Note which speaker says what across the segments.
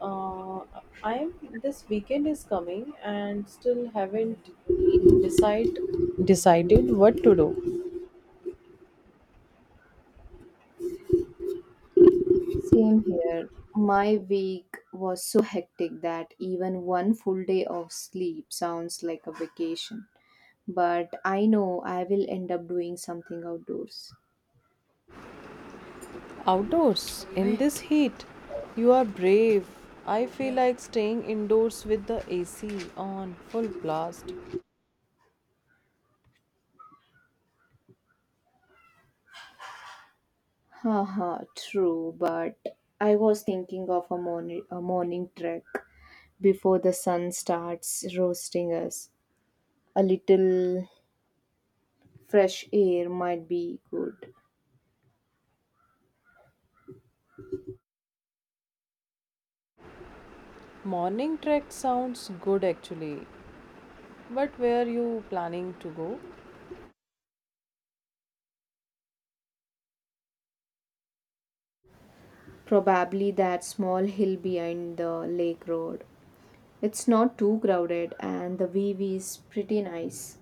Speaker 1: Uh, I'm This weekend is coming and still haven't decide decided what to do.
Speaker 2: Same here. My week was so hectic that even one full day of sleep sounds like a vacation. But I know I will end up doing something outdoors.
Speaker 1: Outdoors in this heat, you are brave. I feel like staying indoors with the AC on full blast.
Speaker 2: Haha, true, but I was thinking of a morning trek before the sun starts roasting us. A little fresh air might be good.
Speaker 1: Morning trek sounds good actually, but where are you planning to go?
Speaker 2: Probably that small hill behind the lake road. It's not too crowded and the view is pretty nice.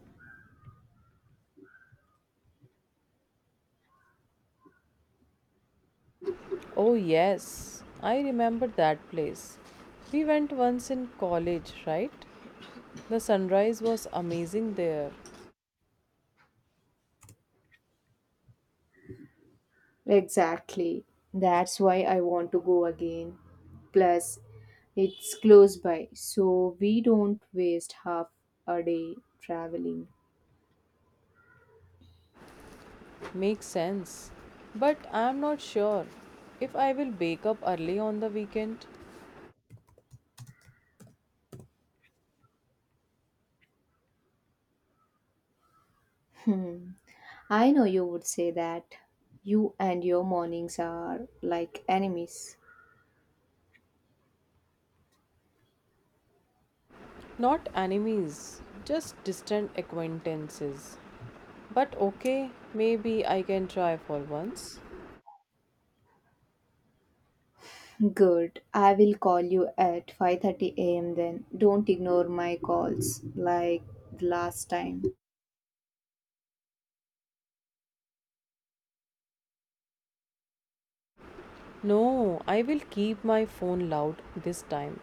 Speaker 1: Oh yes, I remember that place. We went once in college, right? The sunrise was amazing there.
Speaker 2: Exactly. That's why I want to go again. Plus, it's close by, so we don't waste half a day traveling.
Speaker 1: Makes sense. But I'm not sure if I will wake up early on the weekend.
Speaker 2: Hmm. I know you would say that. You and your mornings are like enemies.
Speaker 1: Not enemies, just distant acquaintances. But okay, maybe I can try for once.
Speaker 2: Good. I will call you at 5:30 a.m. then. Don't ignore my calls like the last time.
Speaker 1: No, I will keep my phone loud this time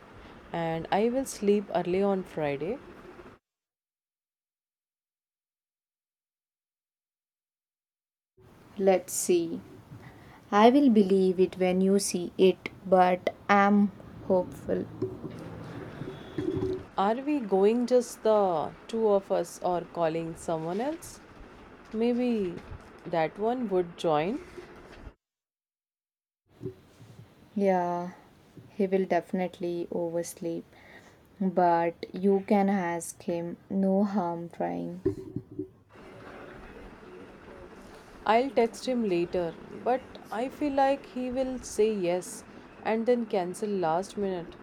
Speaker 1: and I will sleep early on Friday.
Speaker 2: Let's see. I will believe it when you see it, but I'm hopeful.
Speaker 1: Are we going just the two of us or calling someone else? Maybe that one would join.
Speaker 2: Yeah, he will definitely oversleep. But you can ask him, no harm trying.
Speaker 1: I'll text him later, but I feel like he will say yes and then cancel last minute.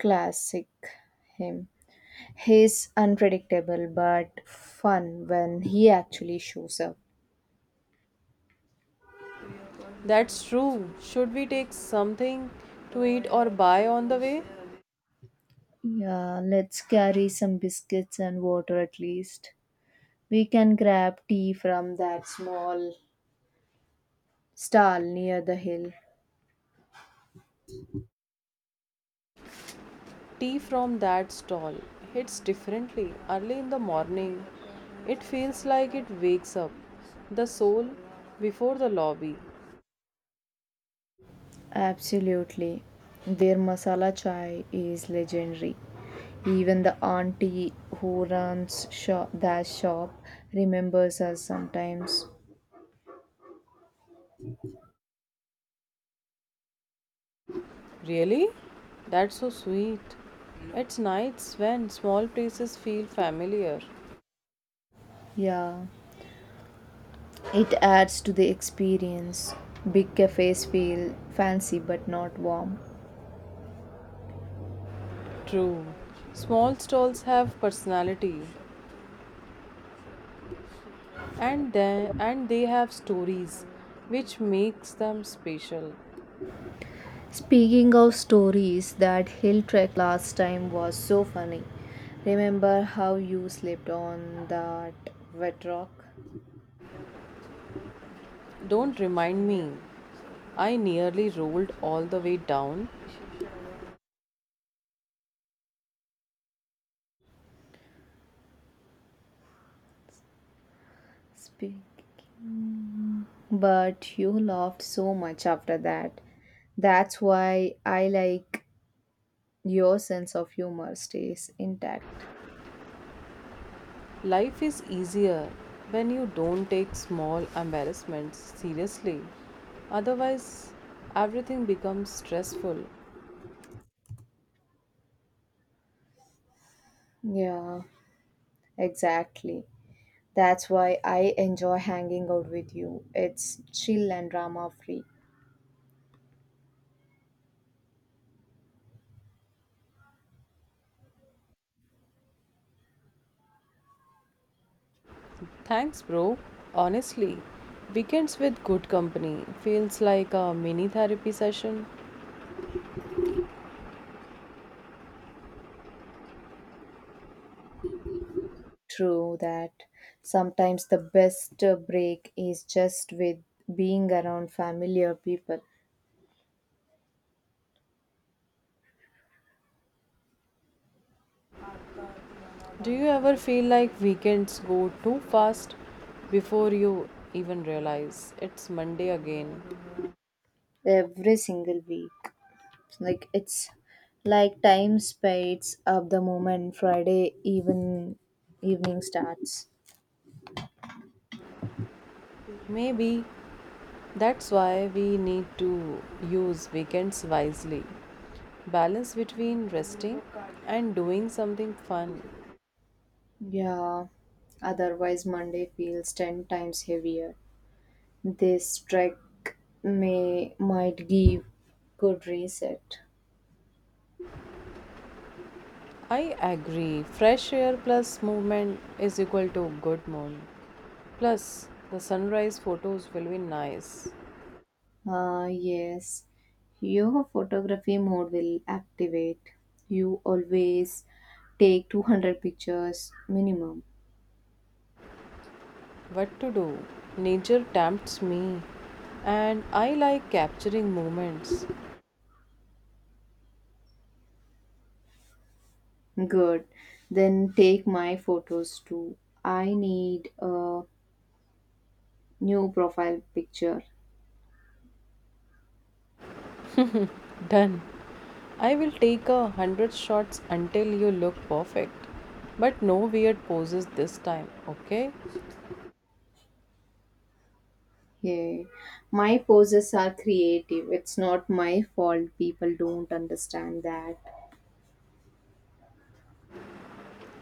Speaker 2: Classic him. He's unpredictable but fun when he actually shows up.
Speaker 1: That's true. Should we take something to eat or buy on the way?
Speaker 2: Yeah, let's carry some biscuits and water at least. We can grab tea from that small stall near the hill.
Speaker 1: Tea from that stall hits differently early in the morning. It feels like it wakes up the soul before the lobby.
Speaker 2: Absolutely. Their masala chai is legendary. Even the auntie who runs that shop remembers us sometimes.
Speaker 1: Really? That's so sweet. It's nights when small places feel familiar.
Speaker 2: Yeah, it adds to the experience. Big cafes feel fancy but not warm.
Speaker 1: True. Small stalls have personality and they have stories which makes them special.
Speaker 2: Speaking of stories, that hill trek last time was so funny. Remember how you slipped on that wet rock?
Speaker 1: Don't remind me. I nearly rolled all the way down.
Speaker 2: Speak. But you laughed so much after that. That's why I like your sense of humor stays intact.
Speaker 1: Life is easier when you don't take small embarrassments seriously. Otherwise, everything becomes stressful.
Speaker 2: Yeah, exactly. That's why I enjoy hanging out with you. It's chill and drama free.
Speaker 1: Thanks, bro. Honestly, weekends with good company feels like a mini therapy session.
Speaker 2: True that. Sometimes the best break is just with being around familiar people
Speaker 1: Do you ever feel like weekends go too fast before you even realize it's Monday again?
Speaker 2: every single week. like it's like time speeds up the moment Friday evening starts.
Speaker 1: Maybe that's why we need to use weekends wisely. Balance between resting and doing something fun.
Speaker 2: Yeah, otherwise Monday feels 10 times heavier. This trek may might give good reset.
Speaker 1: I agree. Fresh air plus movement is equal to good mood. Plus, the sunrise photos will be nice.
Speaker 2: Ah yes, your photography mode will activate. You always take 200 pictures minimum.
Speaker 1: What to do? Nature tempts me and I like capturing moments.
Speaker 2: Good. Then take my photos too. I need a new profile picture.
Speaker 1: Done. I will take 100 shots until you look perfect. But no weird poses this time, okay?
Speaker 2: Yeah. My poses are creative. It's not my fault. People don't understand that.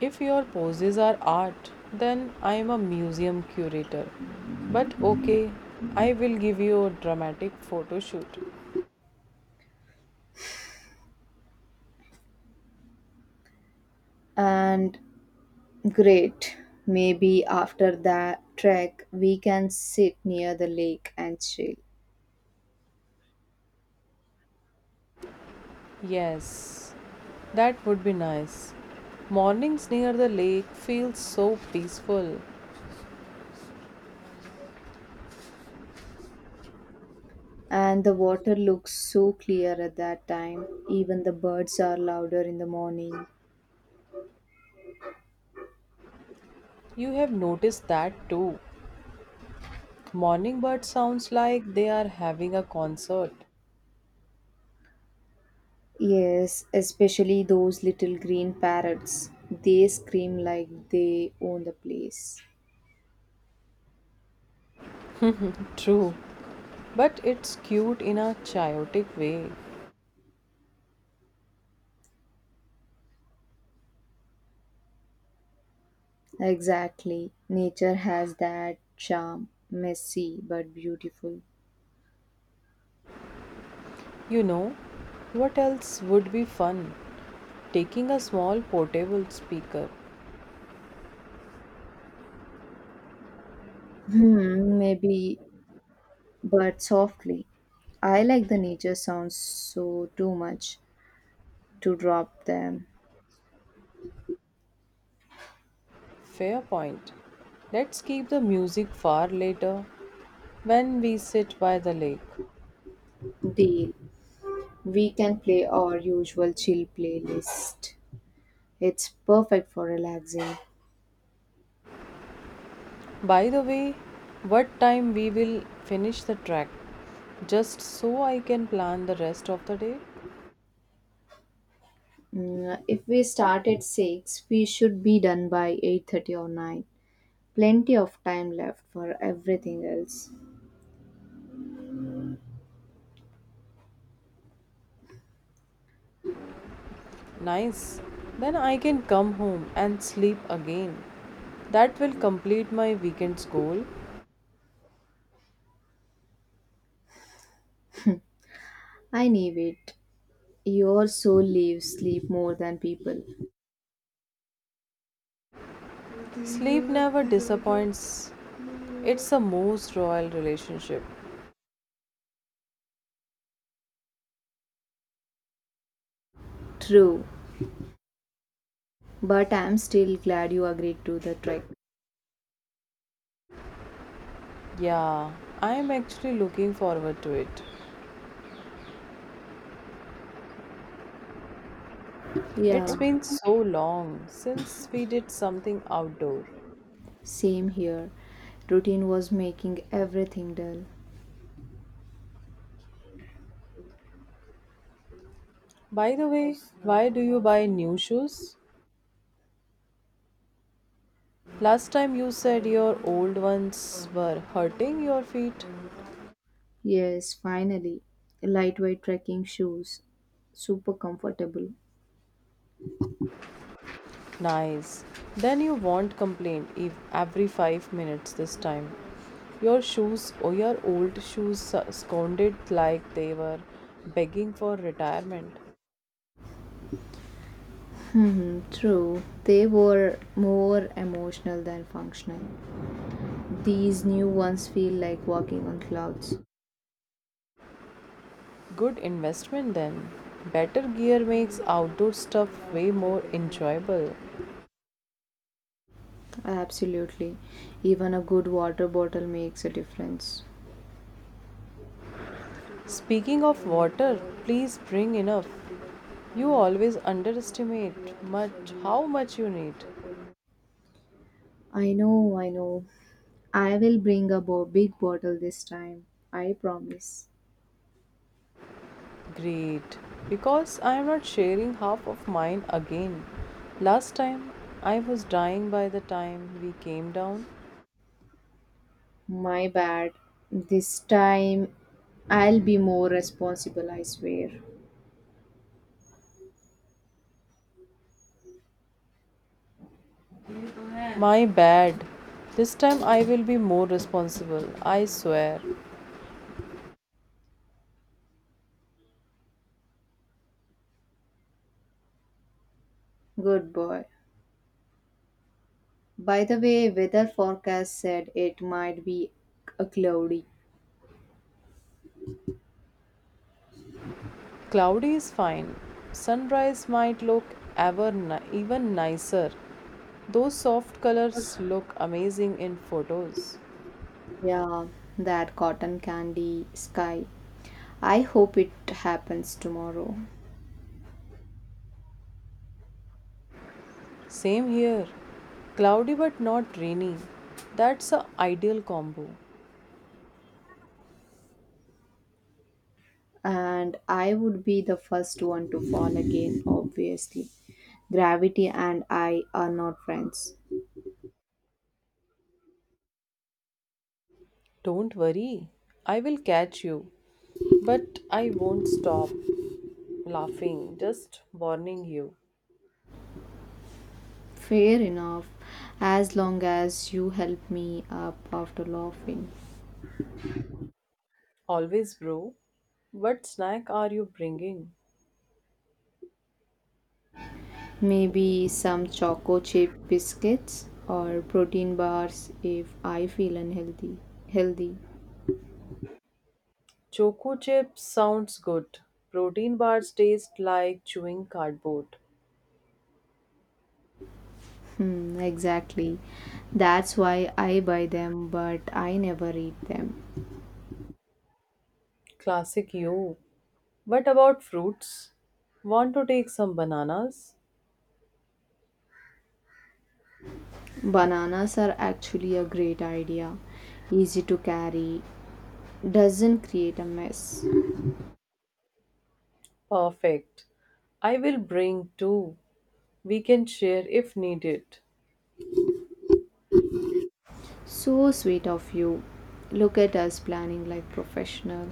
Speaker 1: If your poses are art, then I am a museum curator. But okay, I will give you a dramatic photo shoot.
Speaker 2: And great. Maybe after that trek, we can sit near the lake and chill.
Speaker 1: Yes, that would be nice. Mornings near the lake feel so peaceful.
Speaker 2: And the water looks so clear at that time. Even the birds are louder in the morning.
Speaker 1: You have noticed that too. Morning bird sounds like they are having a concert.
Speaker 2: Yes, especially those little green parrots. They scream like they own the place.
Speaker 1: True. But it's cute in a chaotic way.
Speaker 2: Exactly. Nature has that charm, messy but beautiful.
Speaker 1: You know what else would be fun? Taking a small portable speaker.
Speaker 2: Hmm, maybe, but softly. I like the nature sounds too much to drop them.
Speaker 1: Fair point. Let's keep the music far later when we sit by the lake.
Speaker 2: Deal. We can play our usual chill playlist. It's perfect for relaxing.
Speaker 1: By the way, what time we will finish the track? Just so I can plan the rest of the day?
Speaker 2: Mm, if we start at 6, we should be done by 8:30 or 9. Plenty of time left for everything else.
Speaker 1: Nice. Then I can come home and sleep again. That will complete my weekend's goal.
Speaker 2: I knew it. Your soul leaves sleep more than people.
Speaker 1: Sleep never disappoints. It's a most royal relationship.
Speaker 2: True, but I'm still glad you agreed to the trek.
Speaker 1: Yeah, I'm actually looking forward to it.
Speaker 2: Yeah,
Speaker 1: It's been so long since we did something outdoor.
Speaker 2: same here. Routine was making everything dull.
Speaker 1: By the way, why do you buy new shoes? Last time you said your old ones were hurting your feet.
Speaker 2: Yes, finally. Lightweight trekking shoes. Super comfortable.
Speaker 1: Nice. Then you won't complain if every 5 minutes this time. Your shoes or your old shoes scounded like they were begging for retirement.
Speaker 2: Hmm, true. They were more emotional than functional. These new ones feel like walking on clouds.
Speaker 1: Good investment then. Better gear makes outdoor stuff way more enjoyable.
Speaker 2: Absolutely. Even a good water bottle makes a difference.
Speaker 1: Speaking of water, please bring enough. You always underestimate much how much you need.
Speaker 2: I know. I will bring a big bottle this time. I promise.
Speaker 1: Great, because I am not sharing half of mine again. Last time I was dying by the time we came down.
Speaker 2: My bad. This time I'll be more responsible, I swear.
Speaker 1: My bad. This time I will be more responsible, I swear.
Speaker 2: Good boy. By the way, weather forecast said it might be a cloudy.
Speaker 1: Cloudy is fine. Sunrise might look even nicer. Those soft colors look amazing in photos.
Speaker 2: Yeah, that cotton candy sky. I hope it happens tomorrow.
Speaker 1: Same here. Cloudy but not rainy. That's a ideal combo.
Speaker 2: And I would be the first one to fall again, obviously. Gravity and I are not friends.
Speaker 1: Don't worry, I will catch you. But I won't stop laughing, just warning you.
Speaker 2: Fair enough, as long as you help me up after laughing.
Speaker 1: Always, bro. What snack are you bringing?
Speaker 2: Maybe some choco chip biscuits or protein bars if I feel unhealthy. Healthy.
Speaker 1: Choco chips sounds good. Protein bars taste like chewing cardboard.
Speaker 2: Hmm, exactly. That's why I buy them, but I never eat them.
Speaker 1: Classic you. What about fruits? Want to take some bananas?
Speaker 2: Bananas are actually a great idea. Easy to carry, doesn't create a mess.
Speaker 1: Perfect. I will bring two. We can share if needed.
Speaker 2: So sweet of you. Look at us planning like professional.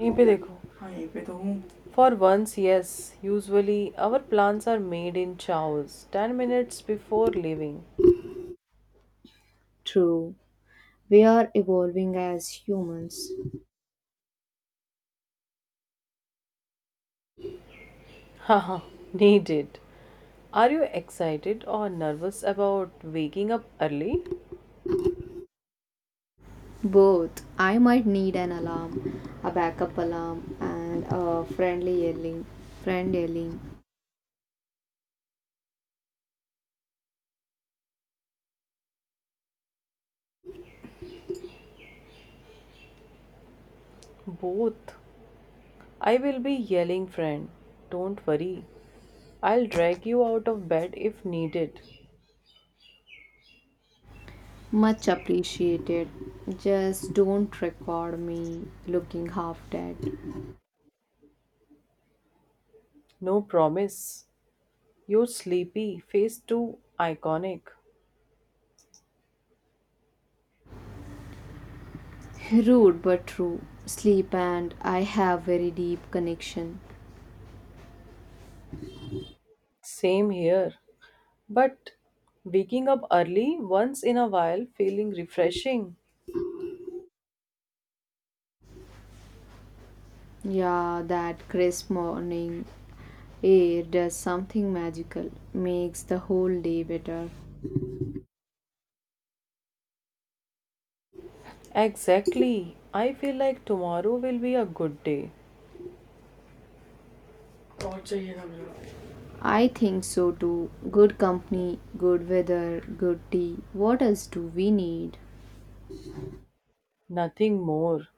Speaker 1: यहीं पे देखो हाँ यहीं पे तो हूँ। For once, yes, usually our plans are made in chows, 10 minutes before leaving.
Speaker 2: True. We are evolving as humans.
Speaker 1: Haha, needed. Are you excited or nervous about waking up early?
Speaker 2: Both. I might need an alarm, a backup alarm, and a friend yelling.
Speaker 1: Both. I will be yelling, friend. Don't worry. I'll drag you out of bed if needed.
Speaker 2: Much appreciated. Just don't record me looking half dead.
Speaker 1: No promise. Your sleepy face too iconic.
Speaker 2: Rude but true. Sleep and I have very deep connection.
Speaker 1: Same here. But waking up early once in a while feeling refreshing.
Speaker 2: Yeah, that crisp morning air does something magical. Makes the whole day better.
Speaker 1: Exactly. I feel like tomorrow will be a good day. और चाहिए था मेरा।
Speaker 2: I think so too. Good company, good weather, good tea. What else do we need?
Speaker 1: Nothing more.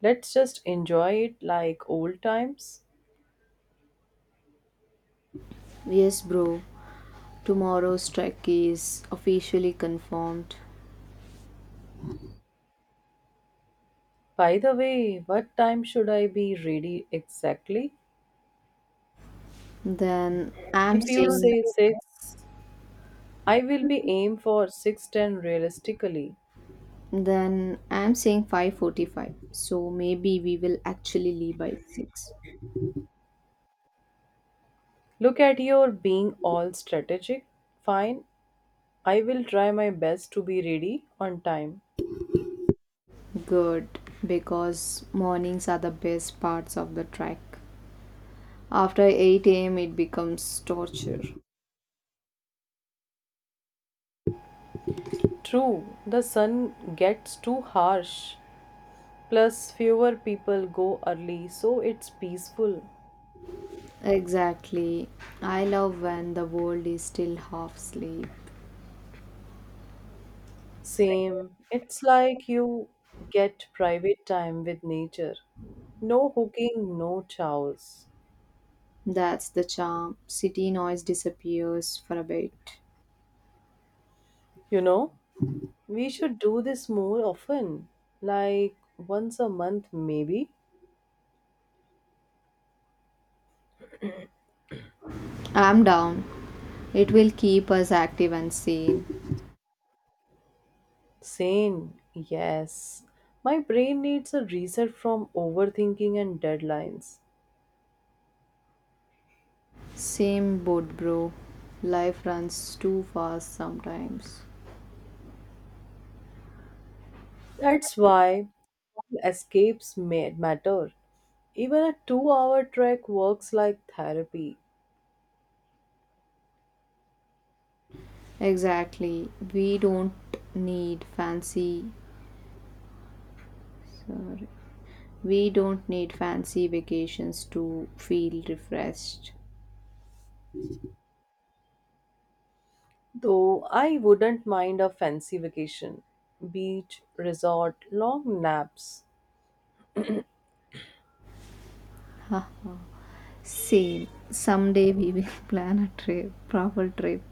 Speaker 1: Let's just enjoy it like old times.
Speaker 2: Yes, bro. Tomorrow's trek is officially confirmed.
Speaker 1: By the way, what time should I be ready exactly?
Speaker 2: Then I'm
Speaker 1: If you
Speaker 2: saying
Speaker 1: say 6, I will be aim for 6:10 realistically.
Speaker 2: Then I'm saying 5:45. So maybe we will actually leave by 6.
Speaker 1: Look at your being all strategic. Fine. I will try my best to be ready on time.
Speaker 2: Good, because mornings are the best parts of the trek. After 8 a.m. it becomes torture.
Speaker 1: True, the sun gets too harsh. Plus, fewer people go early, so it's peaceful.
Speaker 2: Exactly. I love when the world is still half asleep.
Speaker 1: Same. It's like you get private time with nature. No hooking, no chows.
Speaker 2: That's the charm. City noise disappears for a bit.
Speaker 1: You know, we should do this more often. Like once a month, maybe.
Speaker 2: I'm down. It will keep us active and sane.
Speaker 1: Sane, yes. My brain needs a reset from overthinking and deadlines.
Speaker 2: Same boat, bro. Life runs too fast sometimes.
Speaker 1: That's why escapes matter. Even a 2 hour trek works like therapy,
Speaker 2: Exactly. We don't need fancy sorry. We don't need fancy vacations to feel refreshed.
Speaker 1: though I wouldn't mind a fancy vacation. Beach, resort, long naps.
Speaker 2: Same. Someday we will plan a proper trip.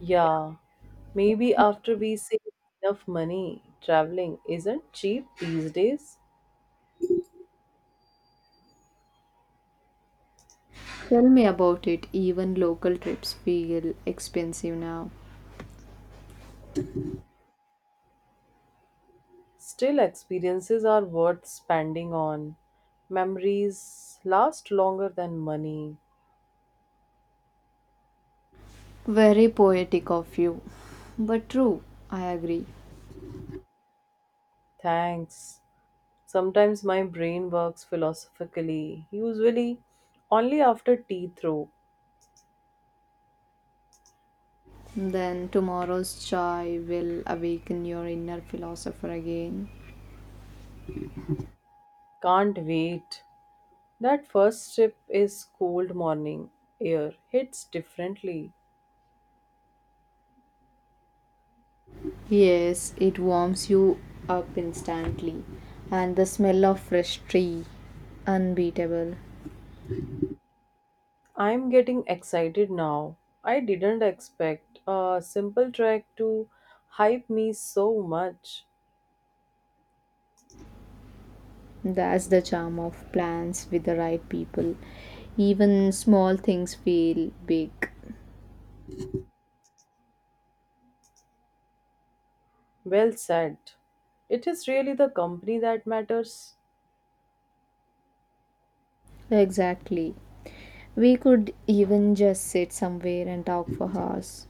Speaker 1: Yeah, maybe after we save enough money, traveling isn't cheap these days.
Speaker 2: Tell me about it. Even local trips feel expensive now.
Speaker 1: Still, experiences are worth spending on. Memories last longer than money.
Speaker 2: Very poetic of you, but true. I agree.
Speaker 1: Thanks. Sometimes my brain works philosophically, usually only after tea throw.
Speaker 2: Then tomorrow's chai will awaken your inner philosopher again.
Speaker 1: Can't wait. That first sip is cold morning air hits differently.
Speaker 2: Yes, it warms you up instantly. And the smell of fresh tea, unbeatable.
Speaker 1: I'm getting excited now. I didn't expect a simple track to hype me so much.
Speaker 2: That's the charm of plants with the right people. Even small things feel big.
Speaker 1: Well said. It is really the company that matters.
Speaker 2: Exactly. We could even just sit somewhere and talk for hours.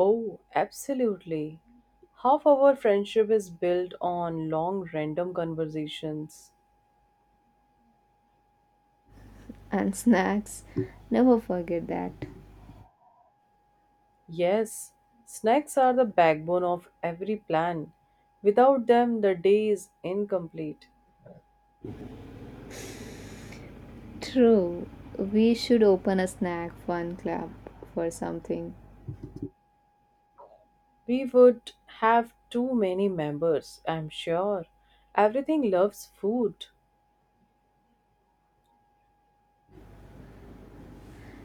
Speaker 1: Oh, absolutely. Half our friendship is built on long random conversations.
Speaker 2: And snacks. Never forget that.
Speaker 1: Yes, snacks are the backbone of every plan. Without them, the day is incomplete.
Speaker 2: True. We should open a snack fun club for something.
Speaker 1: We would have too many members, I'm sure. Everything loves food.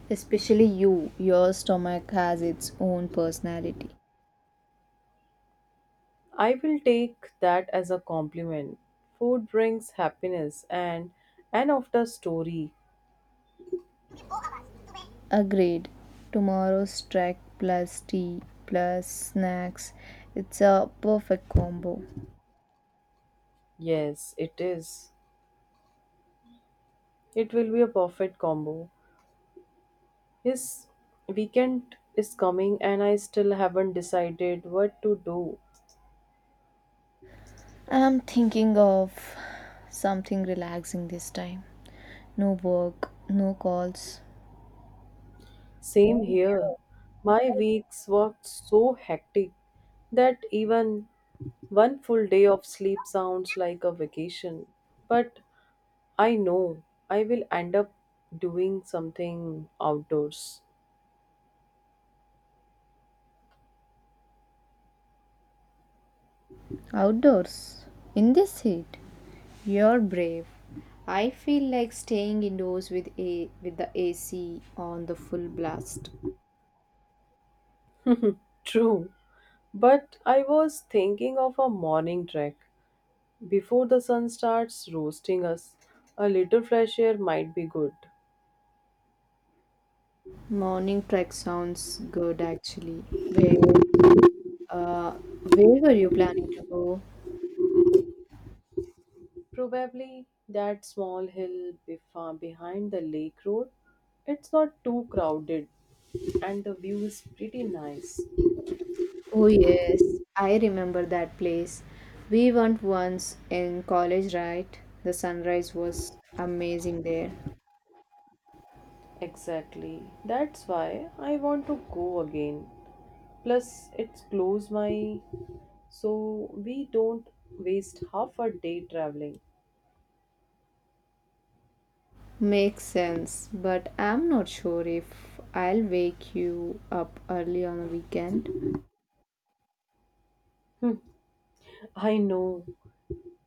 Speaker 2: Especially you, your stomach has its own personality.
Speaker 1: I will take that as a compliment. Food brings happiness and an after story.
Speaker 2: Agreed. Tomorrow's trek plus tea plus snacks. It's a perfect combo.
Speaker 1: Yes, it is. It will be a perfect combo. His weekend is coming, and I still haven't decided what to do.
Speaker 2: I'm thinking of something relaxing this time. No work, no calls.
Speaker 1: Same here. My weeks were so hectic that even one full day of sleep sounds like a vacation. But I know I will end up doing something outdoors.
Speaker 2: Outdoors. In this heat. You're brave. I feel like staying indoors with a with the AC on the full blast.
Speaker 1: True, but I was thinking of a morning trek. Before the sun starts roasting us, a little fresh air might be good.
Speaker 2: Morning trek sounds good actually. Where uh where were you planning to go?
Speaker 1: Probably that small hill behind the lake road. It's not too crowded and the view is pretty nice.
Speaker 2: Oh yes, I remember that place. We went once in college, right? The sunrise was amazing there.
Speaker 1: Exactly. That's why I want to go again. Plus, it's close my, so we don't waste half a day traveling.
Speaker 2: Makes sense, but I'm not sure if I'll wake you up early on a weekend.
Speaker 1: I know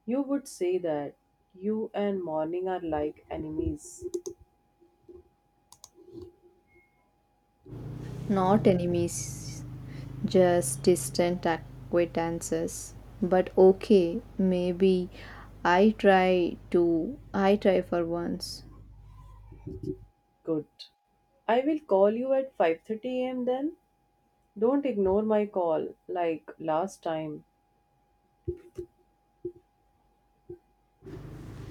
Speaker 1: you would say that you and morning are like enemies.
Speaker 2: Not enemies. Just distant acquaintances. But okay, maybe I try to. I try for once.
Speaker 1: Good. I will call you at 5:30 a.m. then. Don't ignore my call like last time.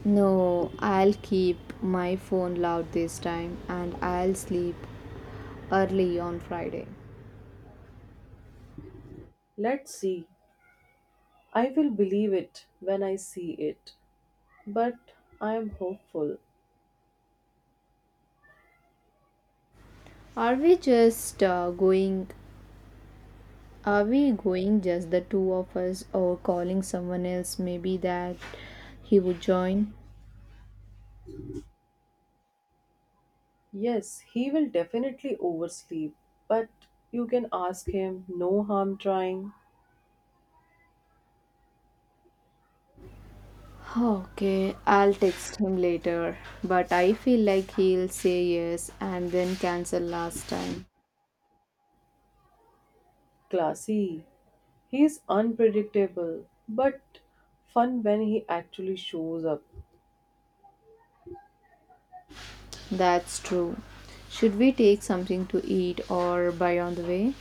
Speaker 2: No, I'll keep my phone loud this time and I'll sleep early on Friday.
Speaker 1: Let's see. I will believe it when I see it. But I am hopeful.
Speaker 2: Are we just going? Are we going just the two of us or calling someone else? Maybe that he would join.
Speaker 1: Yes, he will definitely oversleep. But you can ask him, no harm trying.
Speaker 2: Okay, I'll text him later, but I feel like he'll say yes and then cancel last time.
Speaker 1: Classy. He is unpredictable, but fun when he actually shows up.
Speaker 2: That's true. Should we take something to eat or buy on the way?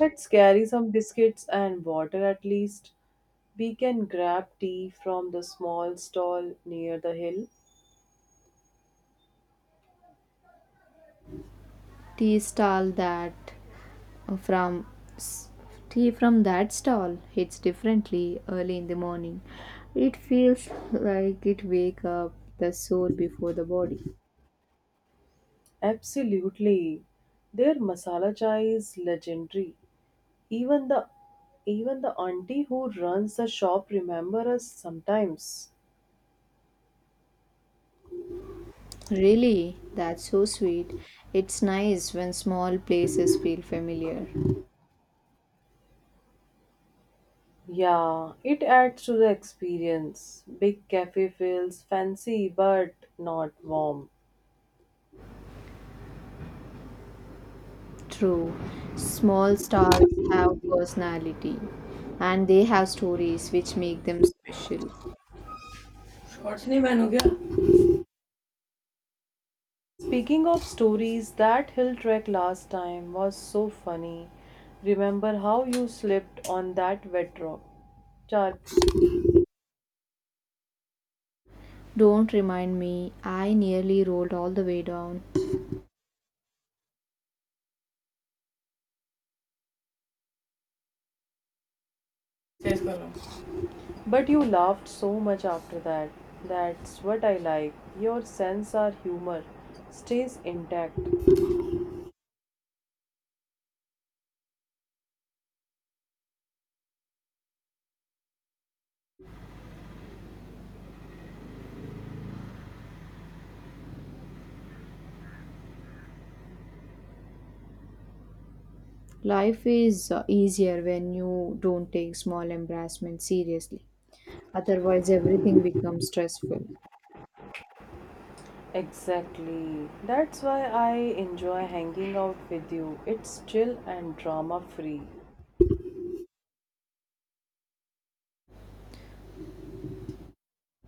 Speaker 1: Let's carry some biscuits and water at least. We can grab tea from the small stall near the hill.
Speaker 2: Tea stall that from s- Tea from that stall hits differently early in the morning. It feels like it wake up the soul before the body.
Speaker 1: Absolutely. Their masala chai is legendary. Even the even the auntie who runs the shop remember us sometimes.
Speaker 2: Really, that's so sweet. It's nice when small places feel familiar.
Speaker 1: Yeah, it adds to the experience. Big cafe feels fancy but not warm.
Speaker 2: True. Small stars have personality and they have stories which make them special.
Speaker 1: Shorts नहीं ban हो। Speaking of stories, that hill trek last time was so funny. Remember how you slipped on that wet rock? Char-
Speaker 2: Don't remind me, I nearly rolled all the way down.
Speaker 1: तेज करो। But you laughed so much after that. That's what I like. Your sense of humor stays intact.
Speaker 2: Life is easier when you don't take small embarrassments seriously. Otherwise, everything becomes stressful.
Speaker 1: Exactly. That's why I enjoy hanging out with you. It's chill and drama free.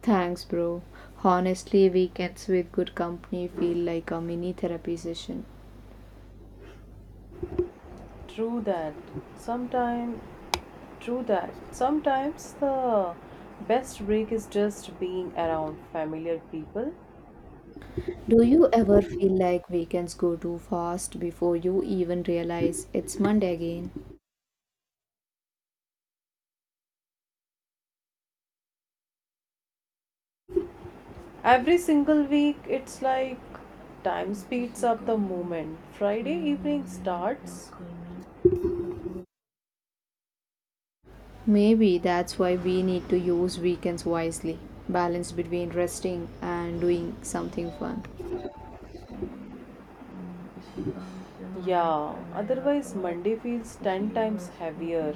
Speaker 2: Thanks, bro. Honestly, weekends with good company feel like a mini therapy session.
Speaker 1: True that. Sometimes, true that. Sometimes the best break is just being around familiar people.
Speaker 2: Do you ever feel like weekends go too fast before you even realize it's Monday again?
Speaker 1: Every single week, it's like time speeds up the moment Friday evening starts.
Speaker 2: Maybe that's why we need to use weekends wisely, balance between resting and doing something fun.
Speaker 1: Yeah, otherwise Monday feels 10 times heavier.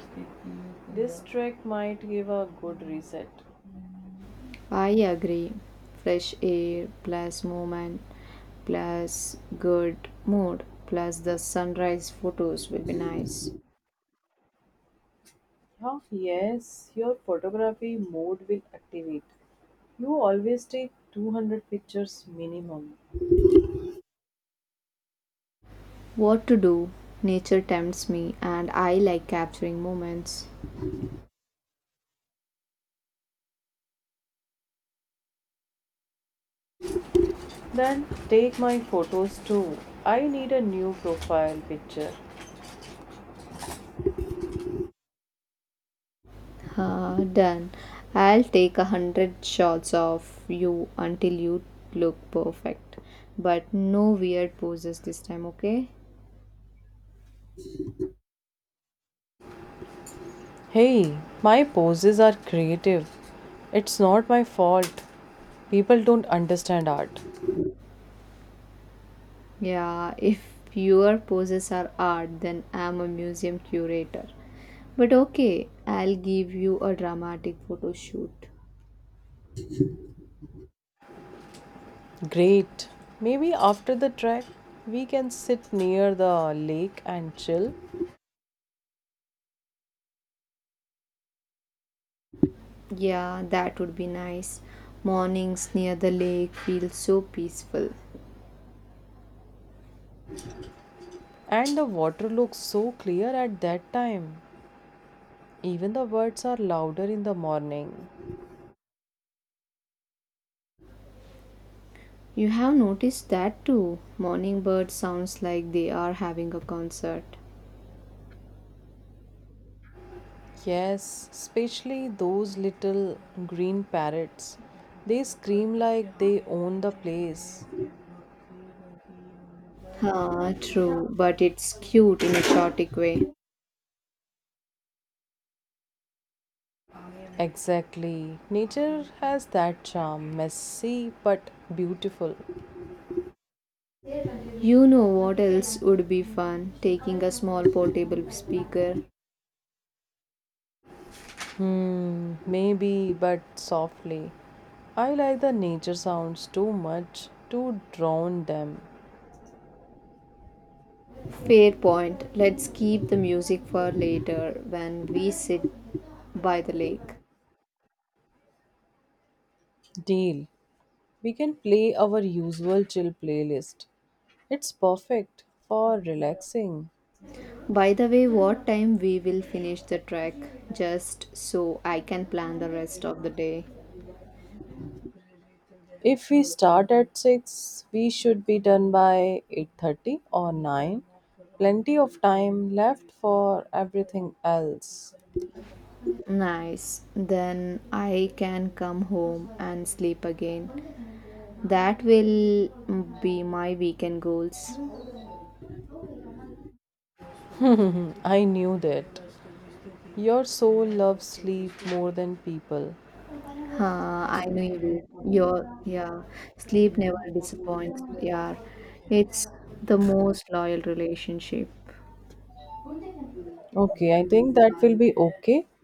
Speaker 1: This trek might give a good reset.
Speaker 2: I agree. Fresh air plus movement plus good mood plus the sunrise photos will be nice.
Speaker 1: Oh yes, your photography mode will activate. You always take 200 pictures minimum.
Speaker 2: What to do? Nature tempts me and I like capturing moments.
Speaker 1: Then take my photos too. I need a new profile picture.
Speaker 2: Ah, done. I'll take 100 shots of you until you look perfect. But no weird poses this time, okay?
Speaker 1: Hey, my poses are creative. It's not my fault. People don't understand art.
Speaker 2: Yeah, if your poses are art, then I'm a museum curator. But okay, I'll give you a dramatic photo shoot.
Speaker 1: Great. Maybe after the trek, we can sit near the lake and chill.
Speaker 2: Yeah, that would be nice. Mornings near the lake feel so peaceful.
Speaker 1: And the water looks so clear at that time. Even the birds are louder in the morning.
Speaker 2: You have noticed that too. Morning birds sounds like they are having a concert.
Speaker 1: Yes, especially those little green parrots. They scream like they own the place.
Speaker 2: Ah, true, but it's cute in a chaotic way.
Speaker 1: Exactly. Nature has that charm, messy but beautiful.
Speaker 2: You know what else would be fun? Taking a small portable speaker.
Speaker 1: Hmm, maybe, but softly. I like the nature sounds too much to drown them.
Speaker 2: Fair point. Let's keep the music for later when we sit by the lake.
Speaker 1: Deal. We can play our usual chill playlist. It's perfect for relaxing.
Speaker 2: By the way, what time we will finish the trek just so I can plan the rest of the day.
Speaker 1: If we start at 6, we should be done by 8:30 or 9. Plenty of time left for everything else.
Speaker 2: Nice. Then I can come home and sleep again. That will be my weekend goals.
Speaker 1: I knew that. Your soul loves sleep more than people.
Speaker 2: Huh, I know you will. Your yeah, Sleep never disappoints. Yeah, it's the most loyal relationship.
Speaker 1: Okay, I think that will be okay.